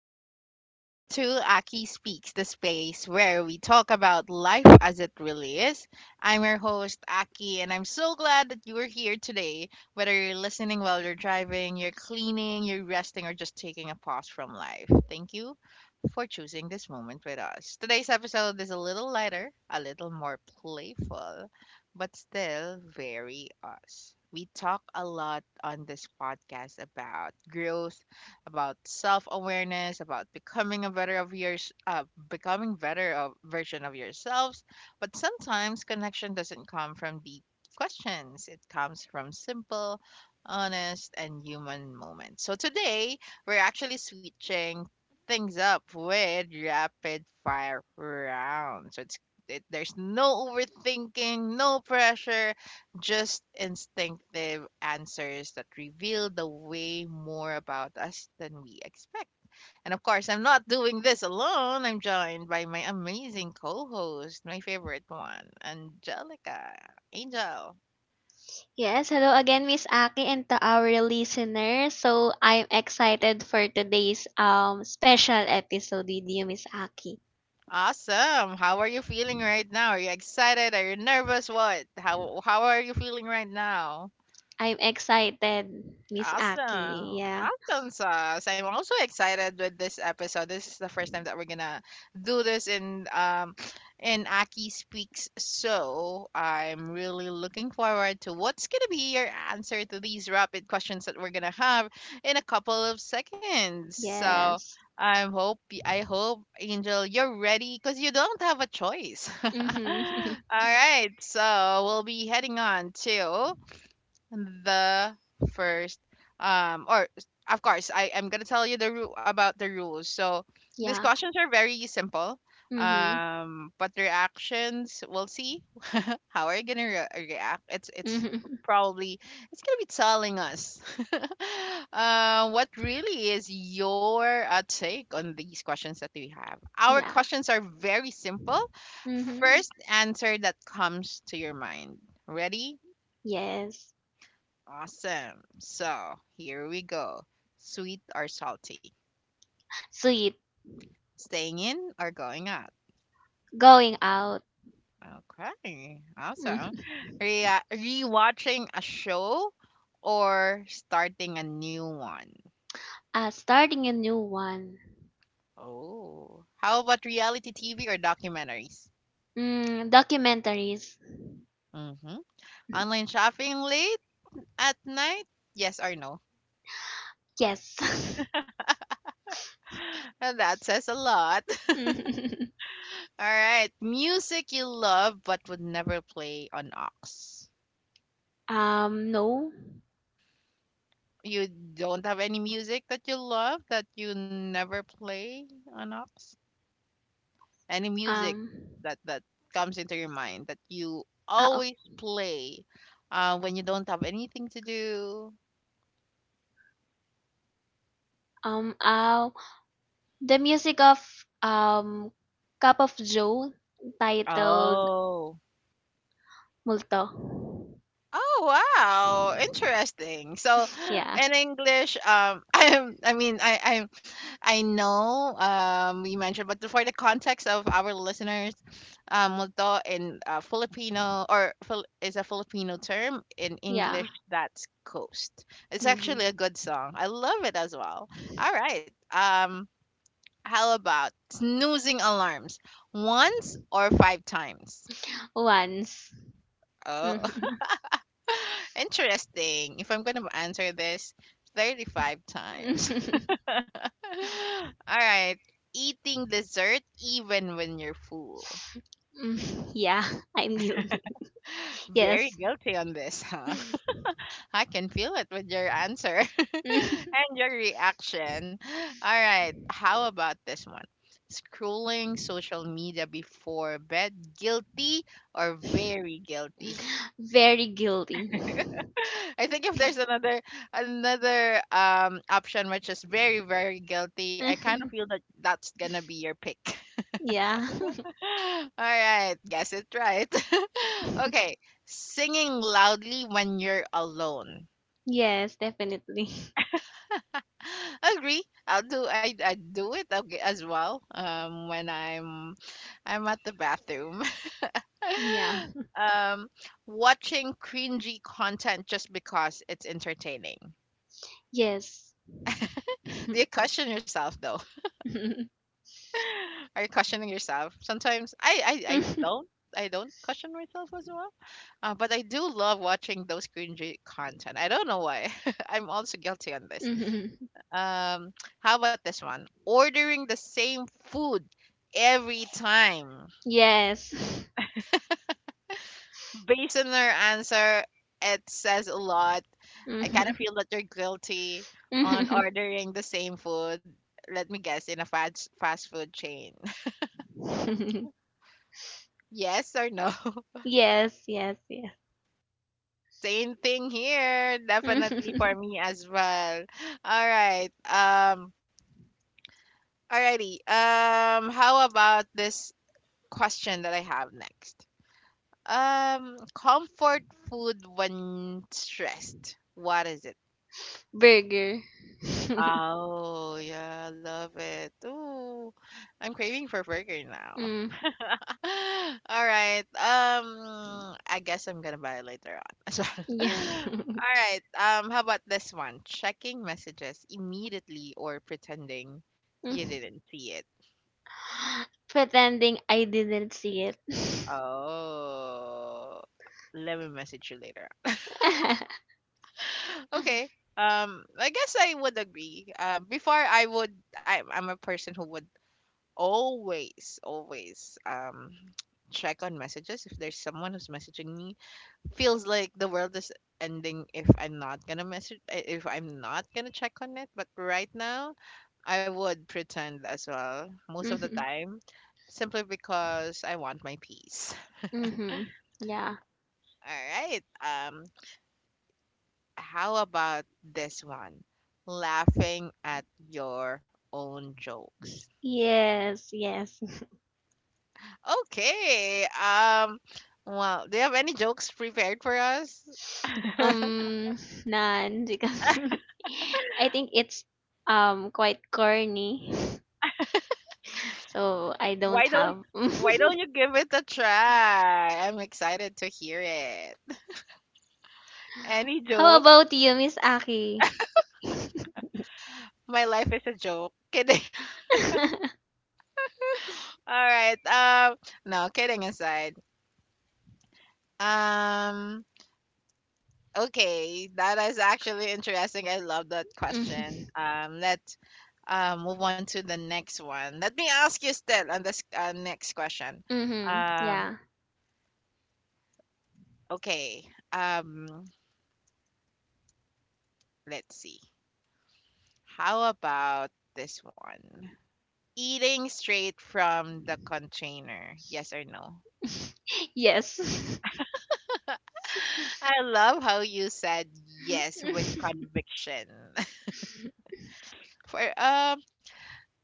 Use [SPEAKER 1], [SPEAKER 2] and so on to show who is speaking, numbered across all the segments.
[SPEAKER 1] and welcome back to Aki Speaks, the space where we talk about life as it really is. I'm your host, Aki, and I'm so glad that you are here today. Whether you're listening while you're driving, you're cleaning, you're resting, or just taking a pause from life, thank you for choosing this moment with us. Today's episode is a little lighter, a little more playful, but still very us. We talk a lot on this podcast about growth about self-awareness, about becoming better of version of yourselves. But sometimes connection doesn't come from deep questions. It comes from simple, honest, and human moments. So today we're actually switching things up with rapid fire round. There's no overthinking, no pressure, just instinctive answers that reveal the way more about us than we expect. And of course, I'm not doing this alone. I'm joined by my amazing co host, my favorite one, Angelica. Angel.
[SPEAKER 2] Yes, hello again, Miss Aki, and to our listeners. So I'm excited for today's special episode with you, Miss Aki.
[SPEAKER 1] Awesome. How are you feeling right now? Are you excited? Are you nervous? What? How are you feeling right now?
[SPEAKER 2] I'm excited, Miss
[SPEAKER 1] Awesome.
[SPEAKER 2] Aki. Yeah.
[SPEAKER 1] Awesome sauce. I'm also excited with this episode. This is the first time that we're gonna do this in Aki Speaks. So I'm really looking forward to what's gonna be your answer to these rapid questions that we're gonna have in a couple of seconds. So
[SPEAKER 2] Yes.
[SPEAKER 1] I hope I hope Angel you're ready because you don't have a choice. All
[SPEAKER 2] Mm-hmm.
[SPEAKER 1] right, so we'll be heading on to the first of course I am going to tell you the about the rules. So these
[SPEAKER 2] yeah.
[SPEAKER 1] questions are very simple.
[SPEAKER 2] Mm-hmm.
[SPEAKER 1] But reactions we'll see how are you going to react. It's it's
[SPEAKER 2] Mm-hmm.
[SPEAKER 1] probably it's going to be telling us what really is your take on these questions that we have. Our
[SPEAKER 2] Yeah.
[SPEAKER 1] questions are very simple.
[SPEAKER 2] Mm-hmm.
[SPEAKER 1] First answer that comes to your mind. Ready?
[SPEAKER 2] Yes.
[SPEAKER 1] Awesome. So here we go. Sweet or salty?
[SPEAKER 2] Sweet.
[SPEAKER 1] Staying in or going out?
[SPEAKER 2] Going out.
[SPEAKER 1] Okay. Awesome.
[SPEAKER 2] Mm-hmm.
[SPEAKER 1] Rewatching a show or starting a new one?
[SPEAKER 2] Starting a new one.
[SPEAKER 1] Oh. How about reality TV or documentaries?
[SPEAKER 2] Mm, documentaries.
[SPEAKER 1] Mm-hmm. Online shopping late at night? Yes or no?
[SPEAKER 2] Yes.
[SPEAKER 1] That says a lot. All right. Music you love but would never play on aux.
[SPEAKER 2] No.
[SPEAKER 1] You don't have any music that you love that you never play on Ox? Any music
[SPEAKER 2] Um,
[SPEAKER 1] that comes into your mind that you
[SPEAKER 2] Uh,
[SPEAKER 1] always play when you don't have anything to do?
[SPEAKER 2] um, uh, the music of um, Cup of Joe titled
[SPEAKER 1] Oh.
[SPEAKER 2] Multo.
[SPEAKER 1] Oh wow, interesting. So
[SPEAKER 2] Yeah,
[SPEAKER 1] in English, I'm, I mean, I, I'm, I know, we mentioned, but for the context of our listeners, multo in Filipino or is a Filipino term in
[SPEAKER 2] yeah.
[SPEAKER 1] English. That's coast. It's
[SPEAKER 2] Hmm.
[SPEAKER 1] actually a good song. I love it as well. All right. How about snoozing alarms once or five times?
[SPEAKER 2] Once.
[SPEAKER 1] Oh,
[SPEAKER 2] Mhm.
[SPEAKER 1] interesting. If I'm gonna answer this 35 times. All right. Eating dessert even when you're full.
[SPEAKER 2] Mm, yeah, I'm guilty.
[SPEAKER 1] Very
[SPEAKER 2] Yes.
[SPEAKER 1] guilty on this, huh? I can feel it with your answer and your reaction. All right. How about this one? Scrolling social media before bed. Guilty or very guilty?
[SPEAKER 2] Very guilty.
[SPEAKER 1] I think if there's another option which is very very guilty, I kind of feel that that's gonna be your pick.
[SPEAKER 2] yeah.
[SPEAKER 1] All right, guess it right. Okay, singing loudly when you're alone.
[SPEAKER 2] yes, definitely.
[SPEAKER 1] Agree. I do it okay, as well. When I'm at the bathroom.
[SPEAKER 2] Yeah.
[SPEAKER 1] um, Watching cringy content just because it's entertaining.
[SPEAKER 2] Yes.
[SPEAKER 1] Do
[SPEAKER 2] yes.
[SPEAKER 1] you question yourself though? Are you questioning yourself? Sometimes I don't. I don't question myself as well, but I do love watching those cringy content. I don't know why. I'm also guilty on this. Um, how about this one? Ordering the same food every time.
[SPEAKER 2] Yes.
[SPEAKER 1] Based on their answer, it says a lot. I kind of feel that you're guilty on
[SPEAKER 2] Mhm.
[SPEAKER 1] ordering the same food. Let me guess, in a fast food chain. Yes or no?
[SPEAKER 2] Yes, yes, yes.
[SPEAKER 1] Same thing here, definitely for me as well. All right. Alrighty. How about this question that I have next? Comfort food when stressed. What is it?
[SPEAKER 2] Burger.
[SPEAKER 1] Oh, yeah, love it. Ooh, I'm craving for burger now.
[SPEAKER 2] mm,
[SPEAKER 1] All right. I guess I'm gonna buy it later on as well.
[SPEAKER 2] yeah.
[SPEAKER 1] All right. How about this one? Checking messages immediately or pretending you
[SPEAKER 2] Mm.
[SPEAKER 1] didn't see it.
[SPEAKER 2] Pretending I didn't see it.
[SPEAKER 1] Oh, let me message you later. Okay. I guess I would agree. I'm a person who would always, always, check on messages if there's someone who's messaging me feels like the world is ending if I'm not gonna message if I'm not gonna check on it. But right now, I would pretend as well most of the
[SPEAKER 2] mm-hmm.
[SPEAKER 1] time, simply because I want my peace.
[SPEAKER 2] Mm-hmm. Yeah.
[SPEAKER 1] All right. How about this one? Laughing at your own jokes.
[SPEAKER 2] Yes, yes.
[SPEAKER 1] Okay. Well, do you have any jokes prepared for us?
[SPEAKER 2] Um, none because I think it's quite corny. So I
[SPEAKER 1] Why
[SPEAKER 2] don't
[SPEAKER 1] don't
[SPEAKER 2] have.
[SPEAKER 1] why don't you give it a try? I'm excited to hear it. Any
[SPEAKER 2] How
[SPEAKER 1] joke?
[SPEAKER 2] about you, Miss Aki?
[SPEAKER 1] My life is a joke. Kidding. All right. No, kidding aside. Um, okay, that is actually interesting. I love that question.
[SPEAKER 2] mm-hmm.
[SPEAKER 1] Let's move on to the next one. Let me ask you still on this next question.
[SPEAKER 2] Mm-hmm.
[SPEAKER 1] Um,
[SPEAKER 2] Yeah.
[SPEAKER 1] okay. Um, let's see. How about this one? Eating straight from the container, yes or no?
[SPEAKER 2] yes.
[SPEAKER 1] I love how you said yes with conviction. For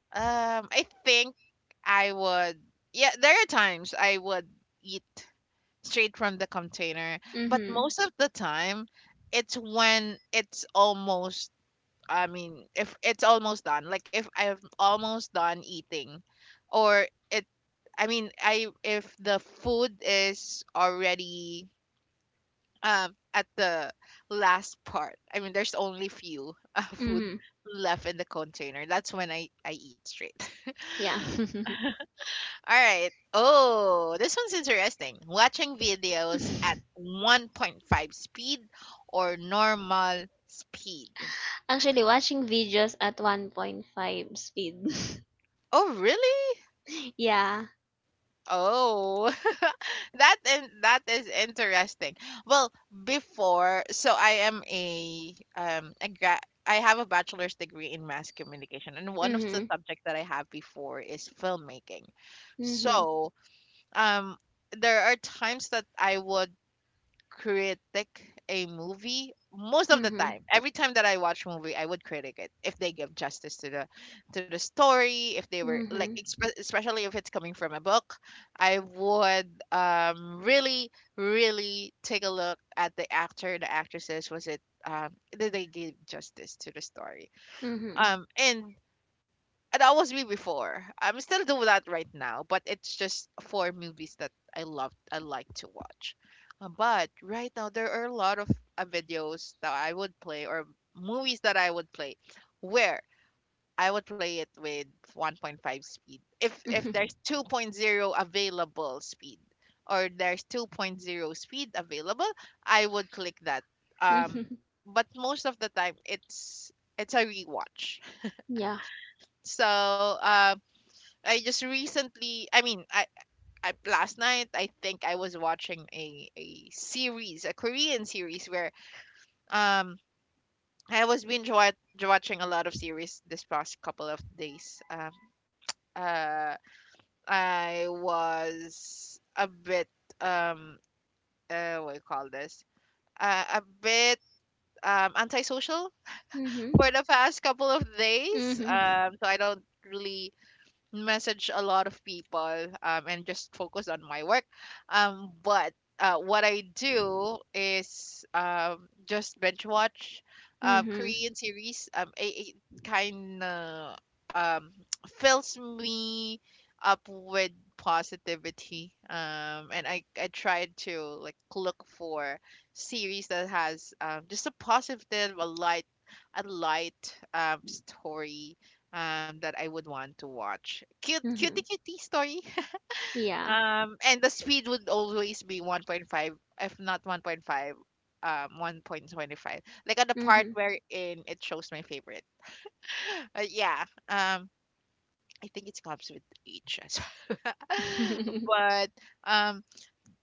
[SPEAKER 1] I think I would yeah, there are times I would eat straight from the container, but
[SPEAKER 2] mhm.
[SPEAKER 1] most of the time it's when it's almost I mean, if it's almost done, like if I'm almost done eating or it I mean, I if the food is already at the last part I mean there's only few food
[SPEAKER 2] Mhm.
[SPEAKER 1] left in the container that's when i eat straight. All
[SPEAKER 2] Yeah.
[SPEAKER 1] right. Oh this one's interesting, watching videos at 1.5 speed or normal speed?
[SPEAKER 2] Actually watching videos at 1.5 speed.
[SPEAKER 1] Oh really?
[SPEAKER 2] yeah.
[SPEAKER 1] Oh, that and that is interesting. Well, before, so I am a I have a bachelor's degree in mass communication, and one of the
[SPEAKER 2] Mhm.
[SPEAKER 1] subjects that I have before is filmmaking.
[SPEAKER 2] Mhm.
[SPEAKER 1] So, um, there are times that I would critic a movie most of the
[SPEAKER 2] Mhm.
[SPEAKER 1] time every time that I watch movie I would critic it if they give justice to the story if they were like
[SPEAKER 2] Mhm.
[SPEAKER 1] especially if it's coming from a book I would really really take a look at the actor the actresses was it um did they give justice to the story
[SPEAKER 2] Mhm.
[SPEAKER 1] um and and that was me before. I'm still doing that right now, but it's just for movies that I love. I like to watch. But right now there are a lot of videos that I would play or movies that I would play, where I would play it with 1.5 speed. If there's 2.0 available speed or there's 2.0 speed available, I would click that. Um,
[SPEAKER 2] Mhm.
[SPEAKER 1] but most of the time it's a rewatch.
[SPEAKER 2] Yeah.
[SPEAKER 1] So uh, I just recently, I mean, I last night I think I was watching a series, a Korean series where um I was watching a lot of series this past couple of days. Uh I was a bit um what do you call this? A bit antisocial
[SPEAKER 2] Mhm.
[SPEAKER 1] for the past couple of days.
[SPEAKER 2] Mhm.
[SPEAKER 1] So I don't really message a lot of people and just focus on my work. But what I do is just binge watch
[SPEAKER 2] Mhm.
[SPEAKER 1] Korean series. It kind of um, fills me up with positivity and i try to like look for series that has just a positive a light story that I would want to watch. Cute, cutie,
[SPEAKER 2] Mhm.
[SPEAKER 1] cutie story.
[SPEAKER 2] Yeah.
[SPEAKER 1] And the speed would always be 1.5, if not 1.5, 1.25. Like on the part
[SPEAKER 2] Mhm.
[SPEAKER 1] wherein it shows my favorite. But yeah, I think it comes with age as well. But um,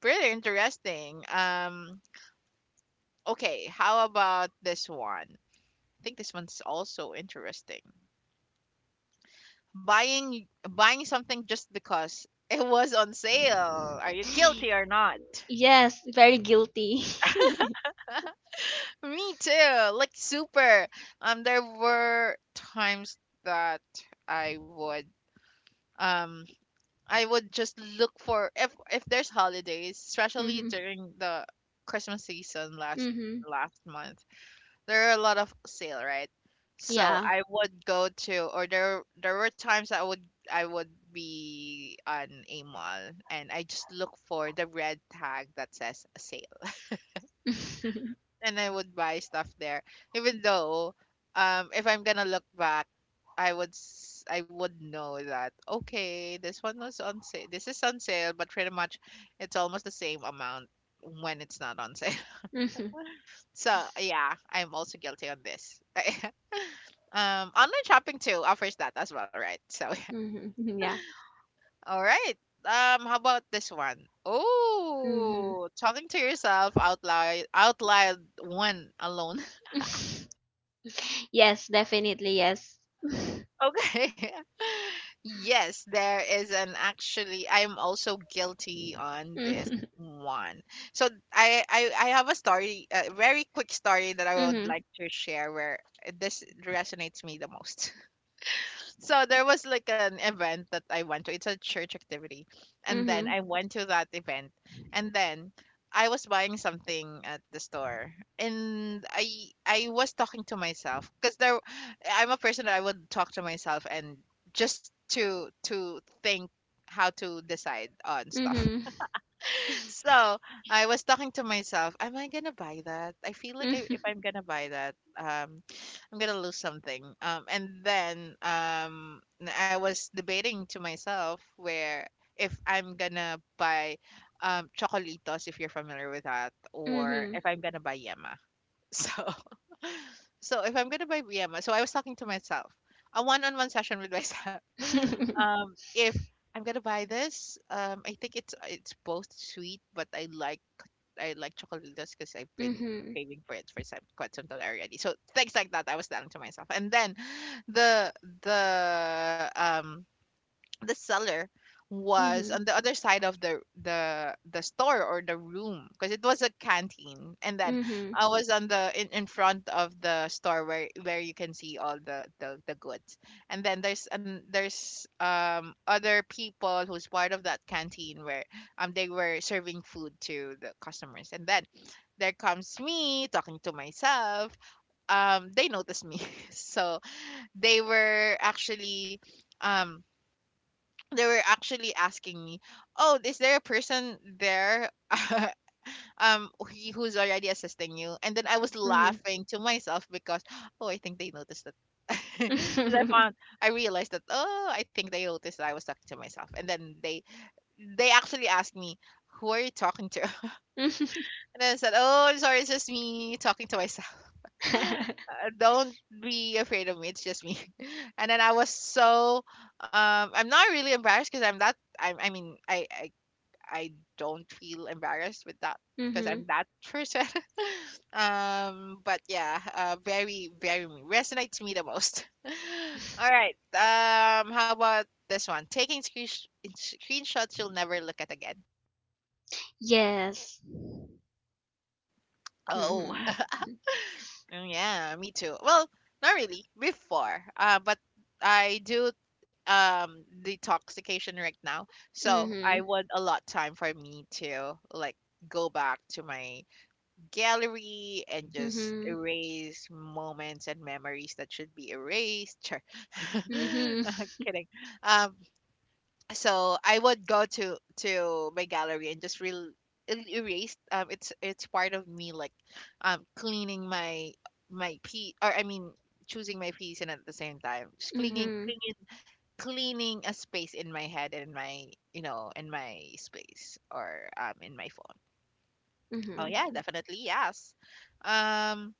[SPEAKER 1] pretty interesting. Okay, how about this one? I think this one's also interesting. Buying something just because it was on sale. Are you guilty or not?
[SPEAKER 2] yes, very guilty.
[SPEAKER 1] Me too. Like super. There were times that I would um I would just look for if there's holidays, especially
[SPEAKER 2] mhm.
[SPEAKER 1] during the Christmas season last
[SPEAKER 2] Mhm.
[SPEAKER 1] last month. There are a lot of sale, right? So
[SPEAKER 2] Yeah.
[SPEAKER 1] I would go to, or there were times I would be on a mall and I just look for the red tag that says sale, and I would buy stuff there. Even though, if I'm gonna look back, I would know that okay, this one was on sale. This is on sale, but pretty much it's almost the same amount when it's not on sale.
[SPEAKER 2] mhm.
[SPEAKER 1] So yeah, I'm also guilty on this. Online shopping too offers that as well, right? So,
[SPEAKER 2] Mhm. Yeah.
[SPEAKER 1] all right. How about this one?
[SPEAKER 2] Mhm.
[SPEAKER 1] Oh, talking to yourself out loud, one alone.
[SPEAKER 2] Yes, definitely, yes.
[SPEAKER 1] Okay. Yes, there is an actually. I'm also guilty on this
[SPEAKER 2] Mhm.
[SPEAKER 1] one. So I have a story, a very quick story that I would
[SPEAKER 2] Mhm.
[SPEAKER 1] like to share where this resonates me the most. So there was like an event that I went to. It's a church activity. And then
[SPEAKER 2] Mhm.
[SPEAKER 1] I went to that event. And then I was buying something at the store. And I was talking to myself because there I'm a person that I would talk to myself and just to think how to decide on stuff.
[SPEAKER 2] Mhm.
[SPEAKER 1] So I was talking to myself, am I gonna buy that? I feel like I, if I'm gonna buy that, I'm gonna lose something. I was debating to myself where if I'm gonna buy chocolitos, if you're familiar with that,
[SPEAKER 2] Mhm.
[SPEAKER 1] or
[SPEAKER 2] Mhm.
[SPEAKER 1] if I'm gonna buy Yema. So, so if I'm gonna buy Yema, so I was talking to myself, a one-on-one session with myself. If I'm gonna buy this, I think it's both sweet, but I like chocolates because I've been
[SPEAKER 2] Mhm.
[SPEAKER 1] craving for it for some, quite some time already. So things like that, I was telling to myself. And then the the um the seller was
[SPEAKER 2] Mhm.
[SPEAKER 1] on the other side of the the store or the room because it was a canteen, and then I was on the in front of the store where you can see all the the goods, and then there's other people who's part of that canteen where they were serving food to the customers, and then there comes me talking to myself. They noticed me. So they were actually um they were actually asking me, "Oh, is there a person there who's already assisting you?" And then I was
[SPEAKER 2] Mhm.
[SPEAKER 1] laughing to myself because oh, I think they noticed that. And
[SPEAKER 2] Mhm.
[SPEAKER 1] I realized that oh, I think they noticed that I was talking to myself. And then they actually asked me, "Who are you talking to?" And I said, "Oh, I'm sorry, it's just me talking to myself. Don't be afraid of me. It's just me." And then I was so I'm not really embarrassed because I'm that I mean I don't feel embarrassed with that because
[SPEAKER 2] Mhm.
[SPEAKER 1] I'm that person. But yeah, very me resonates me the most. All right. How about this one? Taking screenshots you'll never look at again.
[SPEAKER 2] Yes.
[SPEAKER 1] Oh,
[SPEAKER 2] Mhm.
[SPEAKER 1] mm, yeah, me too. Well, not really before, but I do detoxification right now, so I
[SPEAKER 2] Mhm.
[SPEAKER 1] want a lot time for me to like go back to my gallery and just
[SPEAKER 2] Mhm.
[SPEAKER 1] erase moments and memories that should be erased. Sure.
[SPEAKER 2] Mhm.
[SPEAKER 1] Uh, kidding. Um, so I would go to my gallery and just erase. It's part of me like, cleaning my my piece, or I mean choosing my piece, and at the same time just cleaning
[SPEAKER 2] Mhm.
[SPEAKER 1] cleaning cleaning a space in my head and in my you know in my space, or in my phone. Oh
[SPEAKER 2] Mhm.
[SPEAKER 1] yeah, definitely yes. Um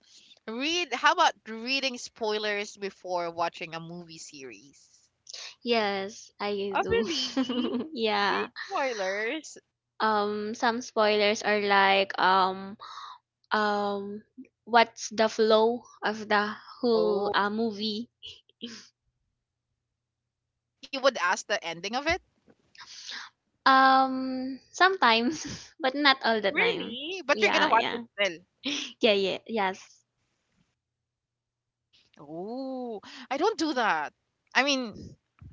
[SPEAKER 1] Read, how about reading spoilers before watching a movie series?
[SPEAKER 2] Yes, I
[SPEAKER 1] Oh,
[SPEAKER 2] do.
[SPEAKER 1] really? Read
[SPEAKER 2] yeah.
[SPEAKER 1] spoilers?
[SPEAKER 2] Some spoilers are like um what's the flow of the whole
[SPEAKER 1] Oh,
[SPEAKER 2] movie.
[SPEAKER 1] like you would ask the ending of it,
[SPEAKER 2] Sometimes, but not all the time.
[SPEAKER 1] really? But you're gonna
[SPEAKER 2] Yeah,
[SPEAKER 1] watch
[SPEAKER 2] yeah.
[SPEAKER 1] it still.
[SPEAKER 2] Yeah, yeah, yes.
[SPEAKER 1] Oh, I don't do that. I mean,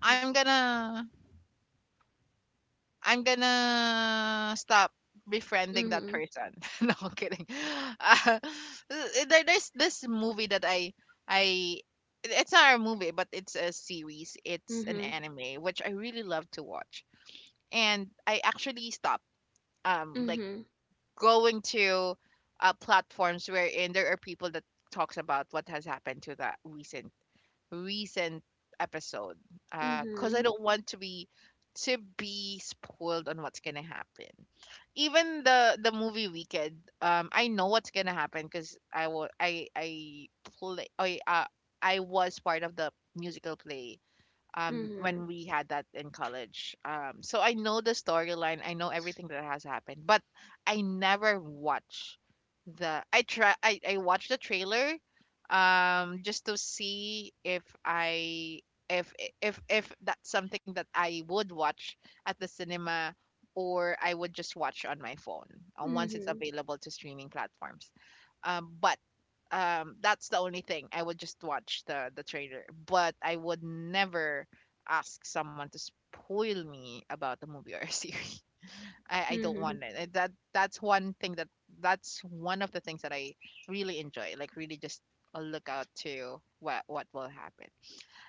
[SPEAKER 1] I'm gonna I'm gonna stop befriending that
[SPEAKER 2] Mhm.
[SPEAKER 1] person. No, I'm kidding. There's this movie that I it- it's not a movie but it's a series. It's an
[SPEAKER 2] Mhm.
[SPEAKER 1] anime which I really love to watch. And I actually stopped um like
[SPEAKER 2] Mhm.
[SPEAKER 1] going to platforms wherein there are people that talks about what has happened to that recent episode because I
[SPEAKER 2] Mhm.
[SPEAKER 1] don't want to be spoiled on what's gonna happen. Even the movie Wicked, I know what's gonna happen because I wa- I play I was part of the musical play when
[SPEAKER 2] Mhm.
[SPEAKER 1] we had that in college. So I know the storyline. I know everything that has happened, but I never watch the. I try. I watch the trailer, just to see if I if if that's something that I would watch at the cinema. Or I would just watch on my phone once it's
[SPEAKER 2] Mhm.
[SPEAKER 1] available to streaming platforms. But that's the only thing I would just watch the trailer, but I would never ask someone to spoil me about the movie or a series. I don't
[SPEAKER 2] Mhm.
[SPEAKER 1] want it. That's one thing that that's one of the things that I really enjoy, like really just a look out to what will happen,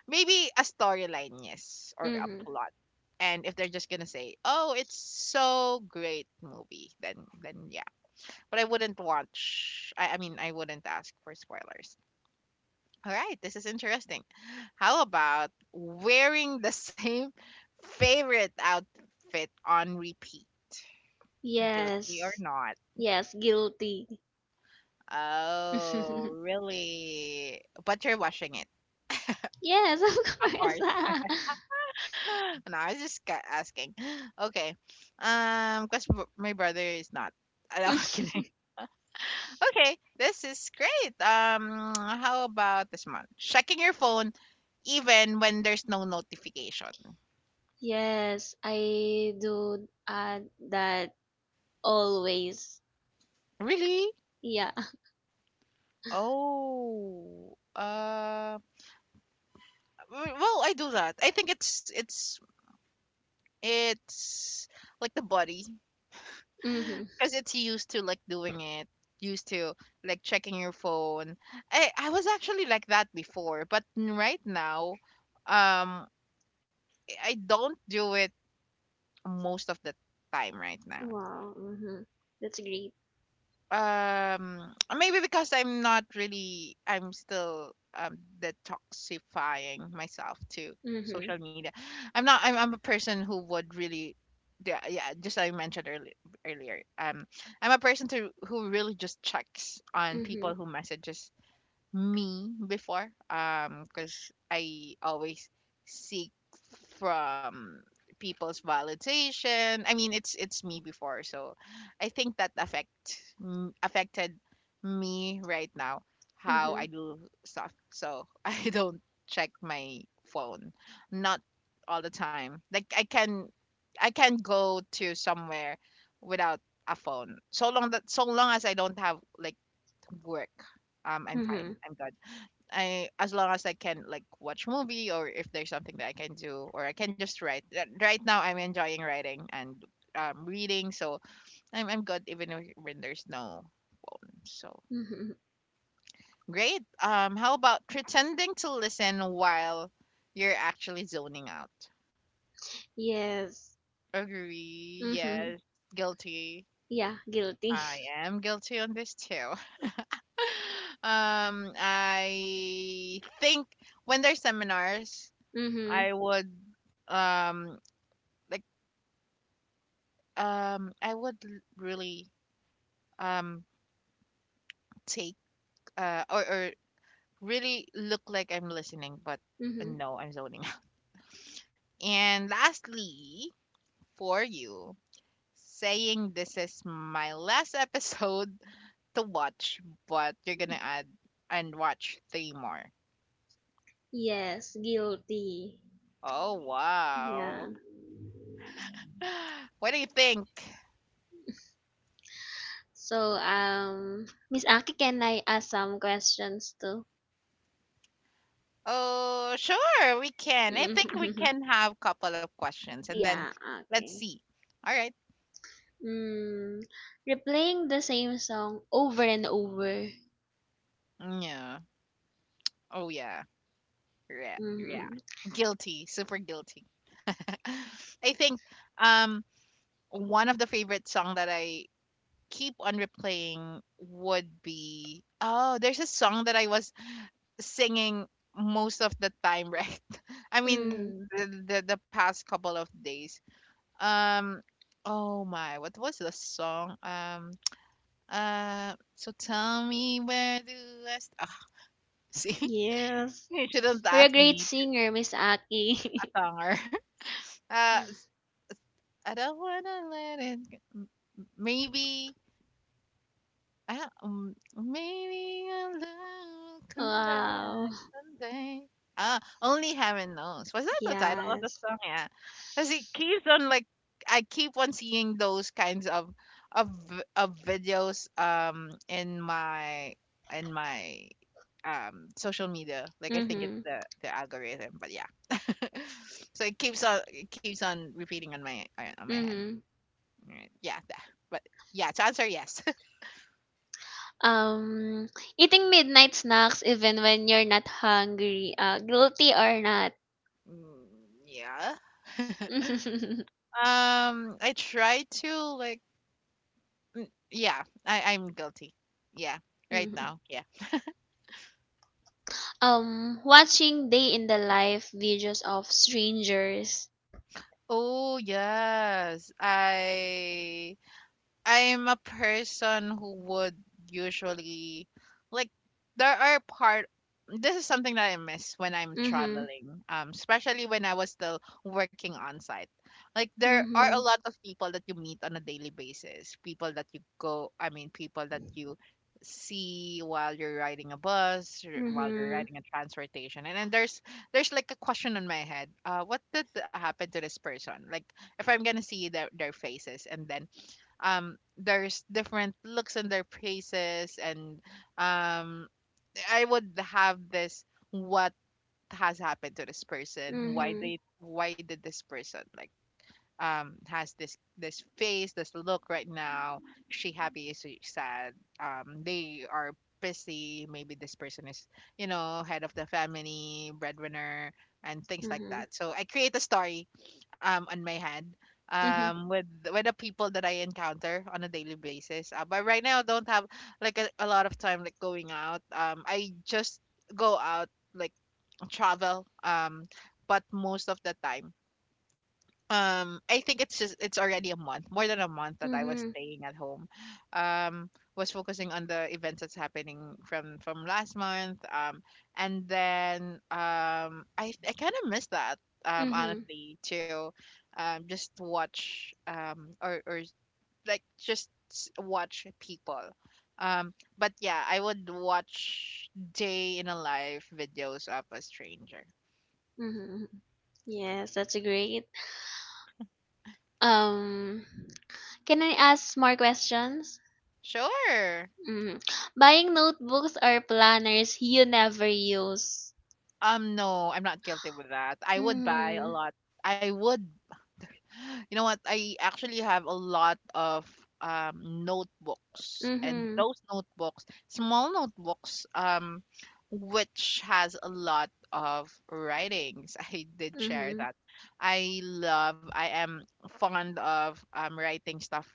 [SPEAKER 1] maybe a storyline, yes, or a
[SPEAKER 2] Mhm.
[SPEAKER 1] plot, and if they're just gonna say oh it's so great movie, then yeah, but I wouldn't watch. I mean, I wouldn't ask for spoilers. All right, this is interesting. How about wearing the same favorite outfit on repeat? Guilty or
[SPEAKER 2] Yes.
[SPEAKER 1] not?
[SPEAKER 2] Yes, guilty.
[SPEAKER 1] Oh, really? But you're washing it.
[SPEAKER 2] yes, of course.
[SPEAKER 1] No, I was just asking. Okay. Because my brother is not. No, kidding. Okay, this is great. How about this one? Checking your phone even when there's no notification.
[SPEAKER 2] yes, I do that always.
[SPEAKER 1] Really?
[SPEAKER 2] Yeah.
[SPEAKER 1] Oh, well, I do that. I think it's like the body
[SPEAKER 2] Mhm.
[SPEAKER 1] because it's used to like doing it, used to like checking your phone. I was actually like that before, but right now, um, I don't do it most of the time right now.
[SPEAKER 2] Wow. Mm-hmm. That's great.
[SPEAKER 1] Um maybe because I'm not really I'm still detoxifying myself to
[SPEAKER 2] Mm-hmm.
[SPEAKER 1] social media. I'm not I'm, I'm a person who would really yeah, yeah, just like I mentioned earlier, um, I'm a person to who really just checks on
[SPEAKER 2] Mm-hmm.
[SPEAKER 1] people who messages me before, um, because I always seek from people's validation, I mean it's me before, so I think that affected me right now how
[SPEAKER 2] Mm-hmm.
[SPEAKER 1] I do stuff, so I don't check my phone not all the time. Like I can go to somewhere without a phone, so long that so long as I don't have like work I'm fine,
[SPEAKER 2] Mm-hmm.
[SPEAKER 1] I'm good. I as long as I can like watch movie, or if there's something that I can do, or I can just write. Right now I'm enjoying writing and reading, so I'm good even if, when there's no phone. So
[SPEAKER 2] Mm-hmm.
[SPEAKER 1] great. How about pretending to listen while you're actually zoning out?
[SPEAKER 2] Yes.
[SPEAKER 1] Agree.
[SPEAKER 2] Mm-hmm.
[SPEAKER 1] Yes. Guilty.
[SPEAKER 2] Yeah. Guilty.
[SPEAKER 1] I am guilty on this too. Um, I think when there's seminars,
[SPEAKER 2] Mm-hmm.
[SPEAKER 1] I would um like I would really um take or really look like I'm listening, but
[SPEAKER 2] Mm-hmm.
[SPEAKER 1] no I'm zoning out. And lastly for you saying this is my last episode to watch but you're gonna add and watch three more.
[SPEAKER 2] Yes. Guilty.
[SPEAKER 1] Oh wow.
[SPEAKER 2] Yeah.
[SPEAKER 1] What do you think?
[SPEAKER 2] So, Miss Aki, can I ask some questions too?
[SPEAKER 1] Oh sure we can. I think we
[SPEAKER 2] Mm-hmm.
[SPEAKER 1] can have couple of questions and then
[SPEAKER 2] Yeah.
[SPEAKER 1] let's
[SPEAKER 2] Okay.
[SPEAKER 1] see. All right.
[SPEAKER 2] Mm. Replaying the same song over and over.
[SPEAKER 1] Yeah. Oh yeah. Yeah. Yeah.
[SPEAKER 2] Mm-hmm.
[SPEAKER 1] Guilty, super guilty. I think um one of the favorite song that I keep on replaying would be oh, there's a song that I was singing most of the time, right? I
[SPEAKER 2] Mm-hmm.
[SPEAKER 1] mean the the past couple of days. Um oh my, what was the song? So tell me where do ah, see?
[SPEAKER 2] Yes.
[SPEAKER 1] You shouldn't
[SPEAKER 2] You're a
[SPEAKER 1] ask
[SPEAKER 2] great
[SPEAKER 1] me to
[SPEAKER 2] singer, Miss Aki.
[SPEAKER 1] a songer. Uh, I don't wanna let it go. Maybe I maybe our love will come
[SPEAKER 2] Wow.
[SPEAKER 1] back someday. Ah, only heaven knows. Was that the title of the
[SPEAKER 2] Yes.
[SPEAKER 1] song? Yeah, because it keeps on like I keep on seeing those kinds of of videos in my in my social media. Like I think it's
[SPEAKER 2] Mhm.
[SPEAKER 1] the algorithm, but yeah. So it keeps on repeating on my head.
[SPEAKER 2] Mhm.
[SPEAKER 1] Right. Yeah, but yeah, to answer yes.
[SPEAKER 2] Um eating midnight snacks even when you're not hungry, guilty or not.
[SPEAKER 1] Mm, yeah. I try to like yeah, I'm guilty. Yeah, right
[SPEAKER 2] Mhm.
[SPEAKER 1] now. Yeah.
[SPEAKER 2] Watching day in the life videos of strangers.
[SPEAKER 1] Oh yes, I'm a person who would usually like there are part this is something that I miss when I'm
[SPEAKER 2] Mhm.
[SPEAKER 1] traveling, especially when I was still working on site. Like there are a
[SPEAKER 2] Mhm.
[SPEAKER 1] lot of people that you meet on a daily basis, people that you go, I mean, people that you see while you're riding a bus, or while you're
[SPEAKER 2] Mhm.
[SPEAKER 1] riding a transportation, and then there's like a question in my head, what did happen to this person? Like if I'm gonna see their faces, and then there's different looks on their faces and um I would have this what has happened to this person why
[SPEAKER 2] Mhm.
[SPEAKER 1] they why did this person like has this face this look right now, she happy, is she sad, they are busy, maybe this person is, you know, head of the family, breadwinner, and things like
[SPEAKER 2] Mhm.
[SPEAKER 1] that, so I create a story on my head
[SPEAKER 2] Mhm.
[SPEAKER 1] um with with the people that I encounter on a daily basis, but right now I don't have like a lot of time like going out, I just go out, like, travel, but most of the time, I think it's just it's already a month, more than a month that I was
[SPEAKER 2] Mhm.
[SPEAKER 1] staying at home. Um, was focusing on the events that's happening from last month. And then I kind of miss that.
[SPEAKER 2] Mhm.
[SPEAKER 1] Honestly, to just watch, or like watch people. But yeah, I would watch day in a life videos of a stranger.
[SPEAKER 2] Mhm. Yes, that's great. Um can I ask more questions?
[SPEAKER 1] Sure.
[SPEAKER 2] Mm. Buying notebooks or planners you never use.
[SPEAKER 1] No, I'm not guilty with that. I would buy a
[SPEAKER 2] Mm-hmm.
[SPEAKER 1] lot. I would. You know what? I actually have a lot of notebooks, and
[SPEAKER 2] Mm-hmm.
[SPEAKER 1] those notebooks, small notebooks, which has a lot of writings. I did share
[SPEAKER 2] Mm-hmm.
[SPEAKER 1] that. I love. I am fond of writing stuff,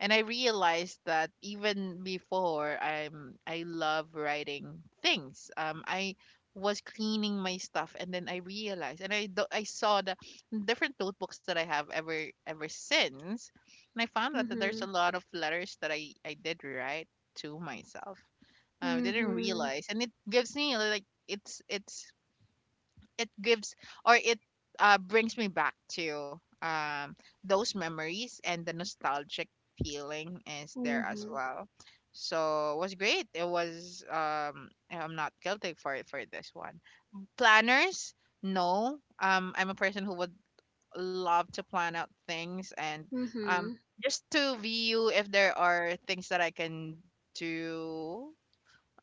[SPEAKER 1] and I realized that even before I love writing things. I was cleaning my stuff, and then I realized, and I saw the different notebooks that I have ever since. And I found out that there's
[SPEAKER 2] Mm-hmm.
[SPEAKER 1] a lot of letters that I did write to myself. I didn't
[SPEAKER 2] Mm-hmm.
[SPEAKER 1] realize, and it gives me like it gives or it brings me back to those memories, and the nostalgic feeling is there as
[SPEAKER 2] Mm-hmm.
[SPEAKER 1] well. So it was great. It was, I'm not guilty for this one. Planners, no. I'm a person who would love to plan out things, and um
[SPEAKER 2] Mm-hmm.
[SPEAKER 1] just to view if there are things that I can do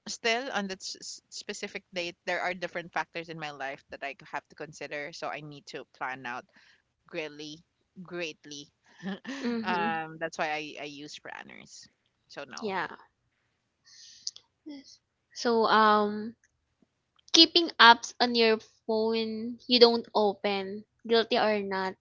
[SPEAKER 1] still on that specific date. There are different factors in my life that I have to consider, so I need to plan out greatly, greatly.
[SPEAKER 2] Mm-hmm.
[SPEAKER 1] That's why I use planners. So no.
[SPEAKER 2] Yeah. Yes. So keeping apps on your phone you don't open, guilty or not.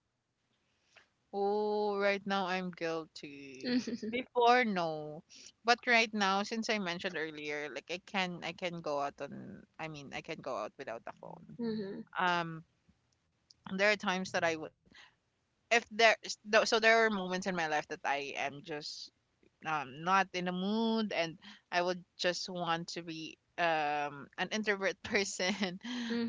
[SPEAKER 1] Oh, right now I'm guilty. Before, no. But right now, since I mentioned earlier, like I can go out on, I mean, I can go out without a phone.
[SPEAKER 2] Mm-hmm.
[SPEAKER 1] Um there are times that I would, if there is- tho- so there are moments in my life that I am just, not in the mood, and I would just want to be, an introvert person,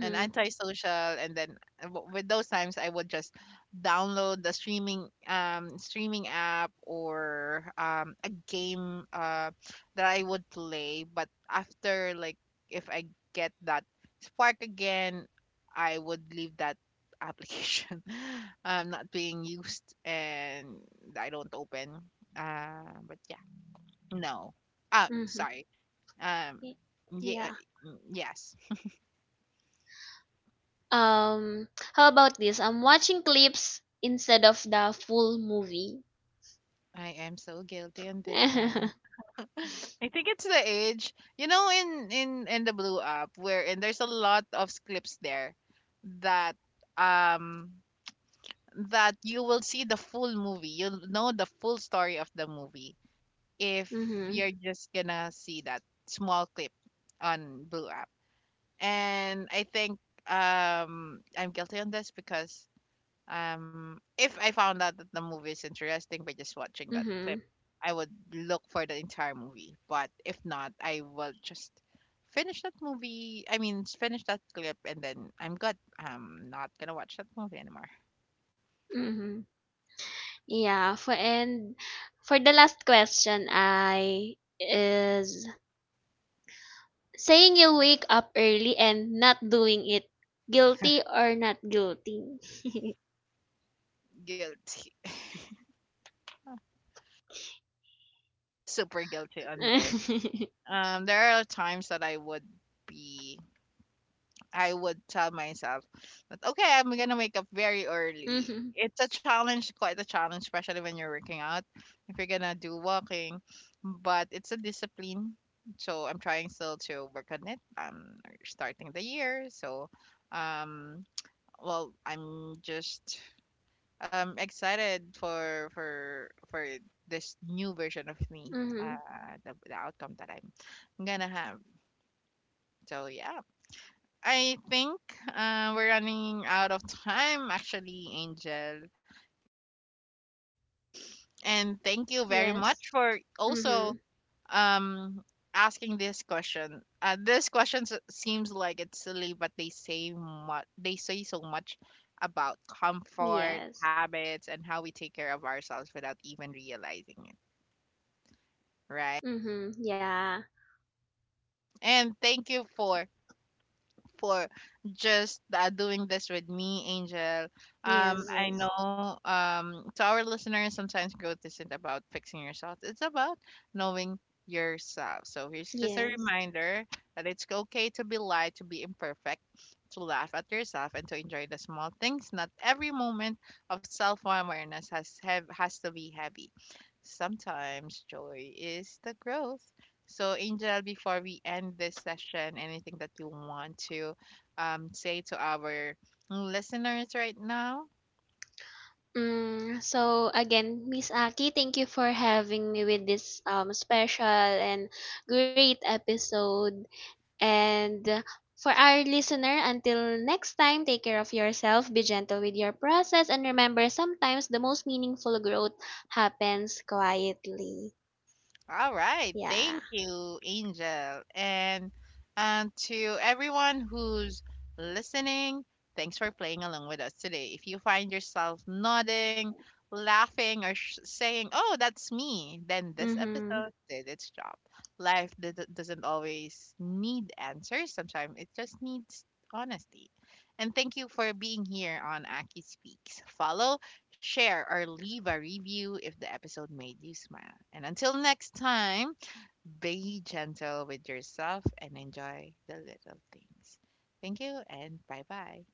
[SPEAKER 1] an antisocial, and then, with those times I would just download the streaming, streaming app, or a game that I would play, but after, like, if I get that spark again, I would leave that application, not being used, and I don't open, but yeah, no.
[SPEAKER 2] Mm-hmm. Mm-hmm.
[SPEAKER 1] Sorry. Um,
[SPEAKER 2] Y-
[SPEAKER 1] yeah,
[SPEAKER 2] Yeah.
[SPEAKER 1] yes.
[SPEAKER 2] Um how about this? I'm watching clips instead of the full movie.
[SPEAKER 1] I am so guilty on this
[SPEAKER 2] mm-hmm.
[SPEAKER 1] one. I think it's the age. You know, in the blue app, where and there's a lot of clips there that, um that you will see the full movie. You'll know the full story of the movie if you're just gonna see that small clip on blue app. And I think I'm guilty on this because, if I found out that the movie is interesting by just watching that clip,
[SPEAKER 2] Mhm.
[SPEAKER 1] I would look for the entire movie. But if not, I will just finish that movie. I mean, finish that clip, and then I'm good. I'm not gonna watch that movie anymore.
[SPEAKER 2] Mhm. Yeah, for the last question I is saying you'll wake up early and not doing it, guilty or not guilty.
[SPEAKER 1] Guilty, super guilty on this. There are times that I would be, I would tell myself that, okay, I'm gonna wake up very early.
[SPEAKER 2] mhm.
[SPEAKER 1] It's a challenge, quite a challenge, especially when you're working out. If you're gonna do walking, but it's a discipline. So I'm trying still to work on it. I'm starting the year, so um, well, I'm just excited for this new version of me.
[SPEAKER 2] Mhm.
[SPEAKER 1] The outcome that I'm gonna have. So yeah. I think, we're running out of time, actually, Angel. And thank you
[SPEAKER 2] Yes.
[SPEAKER 1] very much for
[SPEAKER 2] Mhm.
[SPEAKER 1] also um asking this question. This question seems like it's silly, but they say much. They say so much about comfort,
[SPEAKER 2] Yes.
[SPEAKER 1] habits, and how we take care of ourselves without even realizing it, right?
[SPEAKER 2] Mhm. Yeah.
[SPEAKER 1] And thank you for just, doing this with me, Angel.
[SPEAKER 2] Yes,
[SPEAKER 1] I
[SPEAKER 2] yes.
[SPEAKER 1] know, to our listeners, sometimes growth isn't about fixing yourself, it's about knowing yourself. So here's just a
[SPEAKER 2] Yes.
[SPEAKER 1] reminder that it's okay to be light, to be imperfect, to laugh at yourself, and to enjoy the small things. Not every moment of self awareness has to be heavy. Sometimes joy is the growth. So, Angel, before we end this session, anything that you want to, say to our listeners right now?
[SPEAKER 2] Mm, so again, Miss Aki, thank you for having me with this special and great episode. And for our listener, until next time, take care of yourself, be gentle with your process, and remember sometimes the most meaningful growth happens quietly.
[SPEAKER 1] All right.
[SPEAKER 2] Yeah.
[SPEAKER 1] Thank you, Angel. And to everyone who's listening, thanks for playing along with us today. If you find yourself nodding, laughing, or saying, oh, that's me, then this
[SPEAKER 2] Mm-hmm.
[SPEAKER 1] episode did its job. Life doesn't always need answers, sometimes it just needs honesty. And thank you for being here on Aki Speaks. Follow, share, or leave a review if the episode made you smile. And until next time, be gentle with yourself and enjoy the little things. Thank you and bye bye.